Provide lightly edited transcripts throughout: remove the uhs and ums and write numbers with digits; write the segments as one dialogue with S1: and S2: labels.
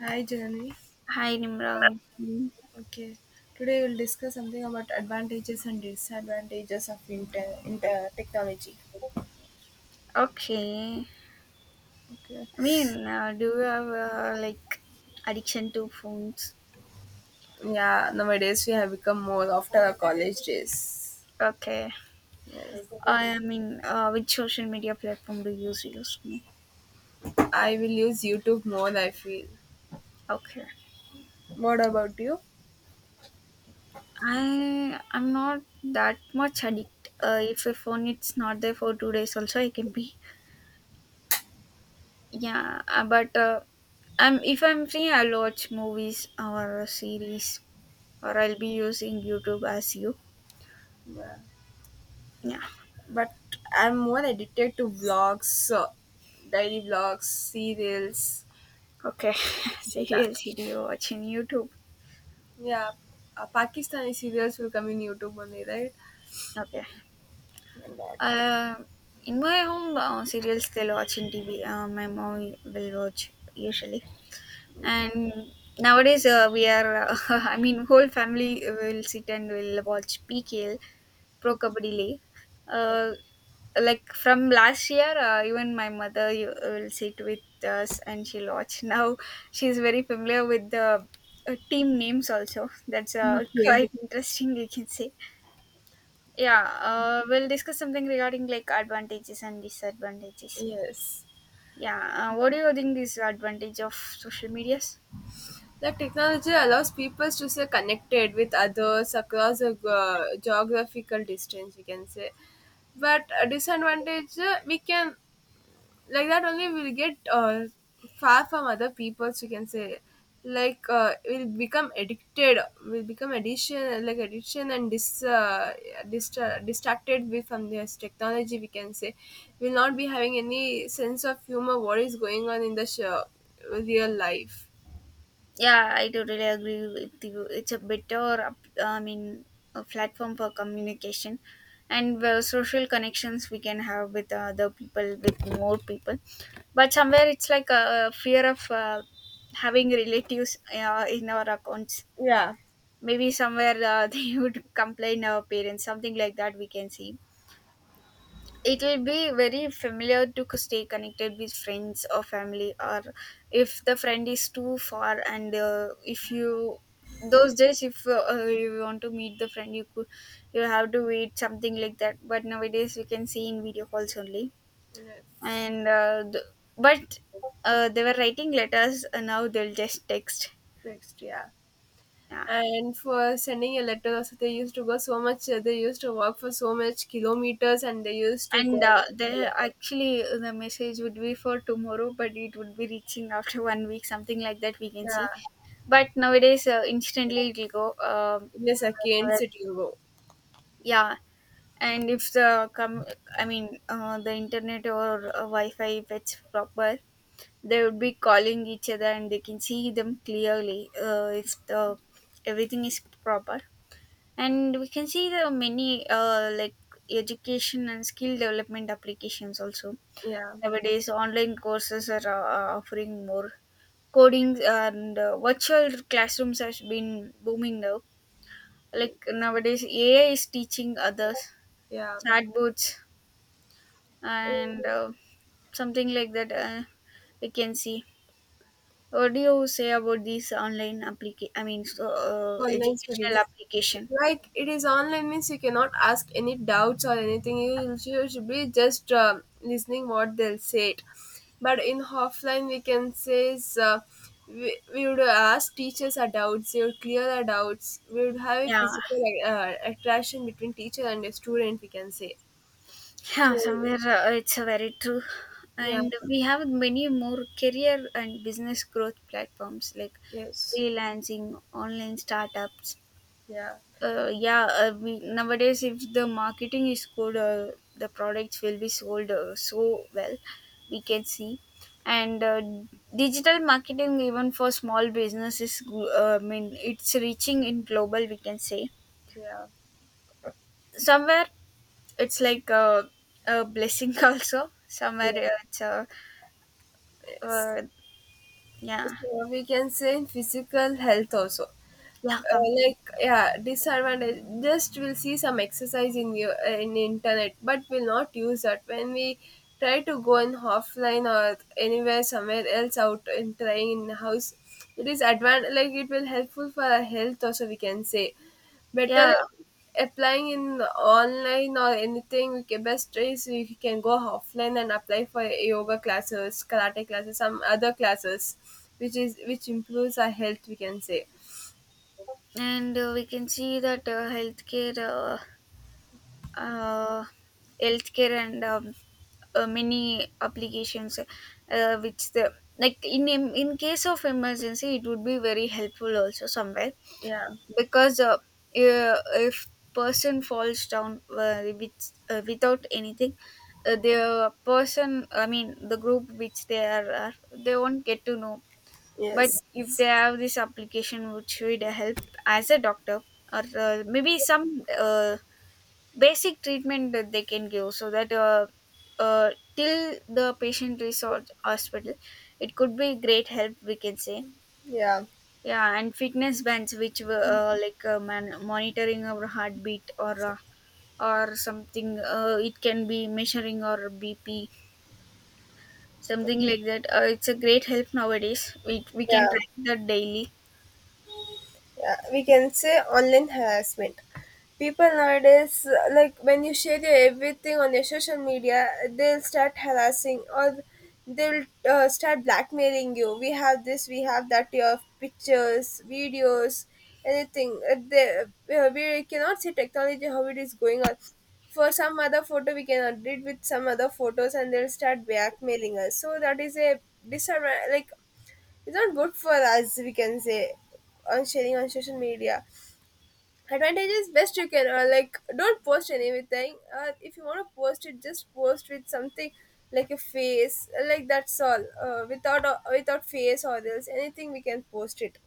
S1: Hi, Jeremy.
S2: Hi, Nimra. Good evening.
S1: Okay, today we'll discuss something about advantages and disadvantages of inter technology.
S2: Okay.
S1: Okay.
S2: Do you have like addiction to phones?
S1: Yeah, nowadays we have become more after our college days.
S2: Okay.
S1: Yes.
S2: Which social media platform do you use? Use me.
S1: I will use YouTube more, I feel.
S2: Okay.
S1: What about you?
S2: I'm not that much addict. If a phone it's not there for 2 days, also I can be. Yeah, but I'm if I'm free, I'll watch movies or a series, or I'll be using YouTube as you.
S1: Yeah.
S2: Yeah.
S1: But I'm more addicted to vlogs, daily vlogs, serials,
S2: Okay.
S1: like that.
S2: Serial video watching YouTube.
S1: Yeah, Pakistani serials will come in YouTube only, right?
S2: Okay.
S1: Like that.
S2: Uh, in my home, serials they'll watch in TV. My mom will watch usually. And nowadays, we are, whole family will sit and will watch PKL, Pro
S1: Okay.
S2: Kabaddi League. Uh, like from last year, even my mother you, will sit with us and she'll watch. Now she's very familiar with the team names also. That's
S1: Okay.
S2: quite interesting, you can say. Yeah, we'll discuss something regarding like advantages and disadvantages.
S1: Yes.
S2: Yeah, what do you think is advantage of social medias?
S1: The technology allows people to stay connected with others across a geographical distance, we can say. But a disadvantage, we can like that only we'll get far from other people, so you can say like we'll become addiction like addiction and distracted with from this technology, we can say we'll not be having any sense of humor what is going on in the show, real life.
S2: Yeah, I totally agree with you. It's a better, up- a platform for communication and social connections we can have with other people, with more people. But somewhere it's like a fear of having relatives in our accounts.
S1: Yeah.
S2: Maybe somewhere they would complain our parents, something like that we can see it'll be very familiar to stay connected with friends or family, or if the friend is too far and if you those days if you want to meet the friend you could you have to wait something like that, but nowadays we can see in video calls only.
S1: Yes.
S2: And th- but They were writing letters and now they'll just text.
S1: Next, yeah.
S2: Yeah.
S1: And for sending a letter also they used to go so much, they used to walk for so much kilometers and they used to
S2: and
S1: go.
S2: They actually the message would be for tomorrow, but it would be reaching after 1 week, something like that we can see.
S1: Yeah.
S2: But nowadays instantly it'll go.
S1: In I second city, sit.
S2: Yeah. and if the com- the internet or wi-fi if it's proper, they would be calling each other and they can see them clearly if the everything is proper. And we can see the many like education and skill development applications also.
S1: Yeah,
S2: Nowadays online courses are offering more coding, and virtual classrooms has been booming now. Like nowadays AI is teaching others,
S1: yeah.
S2: chatbots,
S1: Oh,
S2: and something like that. We can see. What do you say about these online application?
S1: online
S2: Educational
S1: studies,
S2: application.
S1: like it is online means you cannot ask any doubts or anything. You should be just listening what they'll say. It. But in offline, we can say is, we would ask teachers our doubts. They would clear our doubts. We would have a
S2: Yeah,
S1: physical like, attraction between teacher and a student. We can say
S2: yeah.
S1: so.
S2: Somewhere it's very true,
S1: Yeah.
S2: and we have many more career and business growth platforms like
S1: Yes.
S2: freelancing, online startups,
S1: Yeah.
S2: yeah we, nowadays if the marketing is good, the products will be sold so well we can see. And digital marketing, even for small businesses, it's reaching in global, we can say.
S1: Yeah.
S2: Somewhere it's like a blessing also. Somewhere
S1: Yeah.
S2: it's a
S1: Yes.
S2: uh, yeah.
S1: So we can say in physical health also.
S2: Yeah, come.
S1: Like yeah disadvantage just we'll see some exercise in you in internet but we'll not use that when we try to go in offline or anywhere somewhere else out and trying in house. It is advan like it will helpful for our health also, we can say better
S2: Yeah,
S1: applying in online or anything. We can best is we can go offline and apply for yoga classes, karate classes, some other classes which is which improves our health, we can say.
S2: and we can see that healthcare uh, healthcare and many applications which the like in case of emergency, it would be very helpful also somewhere.
S1: Yeah.
S2: Because uh, if person falls down without anything, the person the group which they are they won't get to know. But
S1: Yes.
S2: if they have this application which would help as a doctor, or maybe some basic treatment that they can give, so that till the patient resort hospital, it could be great help we can say.
S1: Yeah.
S2: Yeah, and fitness bands which were monitoring our heartbeat, or something, it can be measuring our bp, something like that. It's a great help nowadays, we can
S1: Yeah.
S2: track that daily.
S1: Yeah, we can say online harassment. People nowadays, like when you share your everything on your social media, they'll start harassing or they'll start blackmailing you. We have this, we have that, your pictures, videos, anything. They, we cannot see technology how it is going on. For some other photo, we can update with some other photos and they'll start blackmailing us. So that is a disadvantage. Like it's not good for us, we can say, on sharing on social media. Advantage is best you can like don't post anything, if you want to post it just post with something like a face, like that's all, without without face or else anything we can post it.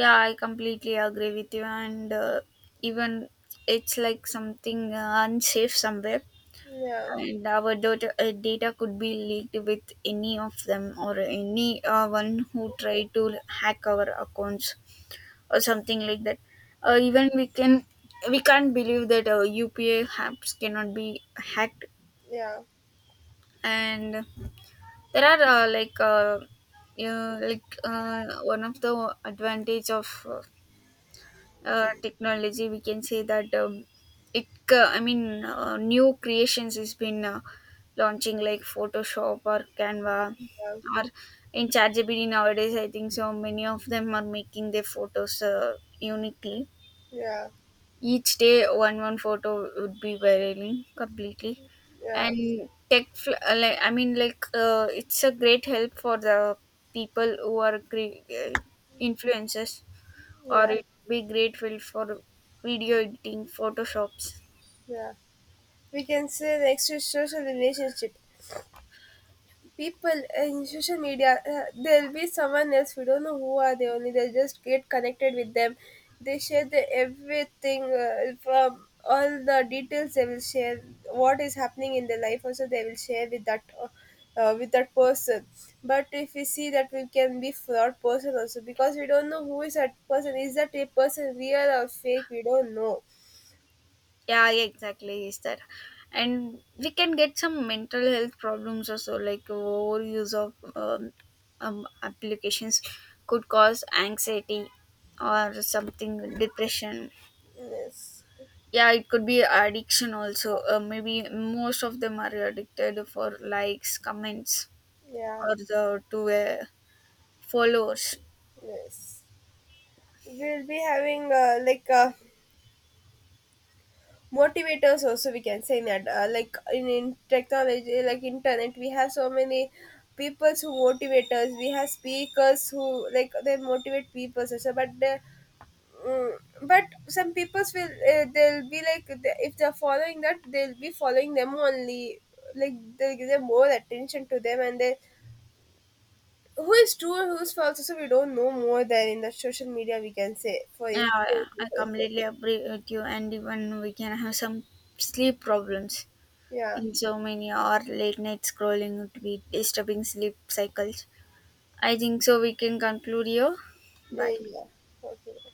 S2: Yeah, I completely agree with you. And even it's like something unsafe somewhere,
S1: Yeah.
S2: and our data could be leaked with any of them, or any one who tried to hack our accounts, or something like that. Even we can't believe that upa apps cannot be hacked.
S1: Yeah.
S2: And there are you know, one of the advantage of technology we can say, that it new creations has been launching, like photoshop or canva,
S1: Yeah.
S2: or in ChatGPT. Nowadays I think so many of them are making their photos uniquely,
S1: Yeah.
S2: each day one photo would be varying completely.
S1: Yeah.
S2: And tech fl- like it's a great help for the people who are influencers, or
S1: Yeah.
S2: it would be great field for video editing, photoshops.
S1: Yeah, we can say next is social relationship. People in social media, there'll be someone else we don't know who are they, only they'll just get connected with them. They share the everything, from all the details they will share what is happening in their life also. They will share with that person. But if we see that we can be fraud person also because we don't know who is that person, is that a person real or fake, we don't know.
S2: Yeah, yeah, exactly. Is that, and we can get some mental health problems also, like overuse of applications could cause anxiety, or something depression.
S1: Yes.
S2: Yeah, it could be addiction also. Maybe most of them are addicted for likes, comments,
S1: Yeah.
S2: or the to followers.
S1: Yes. We'll be having like motivators also, we can say that like in technology like internet we have so many people who motivate us. We have speakers who like they motivate people also, but the mm, but some people will they'll be like the- if they're following that they'll be following them only, like they'll give them more attention to them. And they who is true and who's false also we don't know more than in the social media, we can say for instance
S2: Yeah, yeah, I
S1: also.
S2: completely agree with you. And even we can have some sleep problems
S1: Yeah.
S2: in so many, or late night scrolling to be disturbing sleep cycles. I think so. We can conclude here. Bye.
S1: Yeah. Yeah. Okay.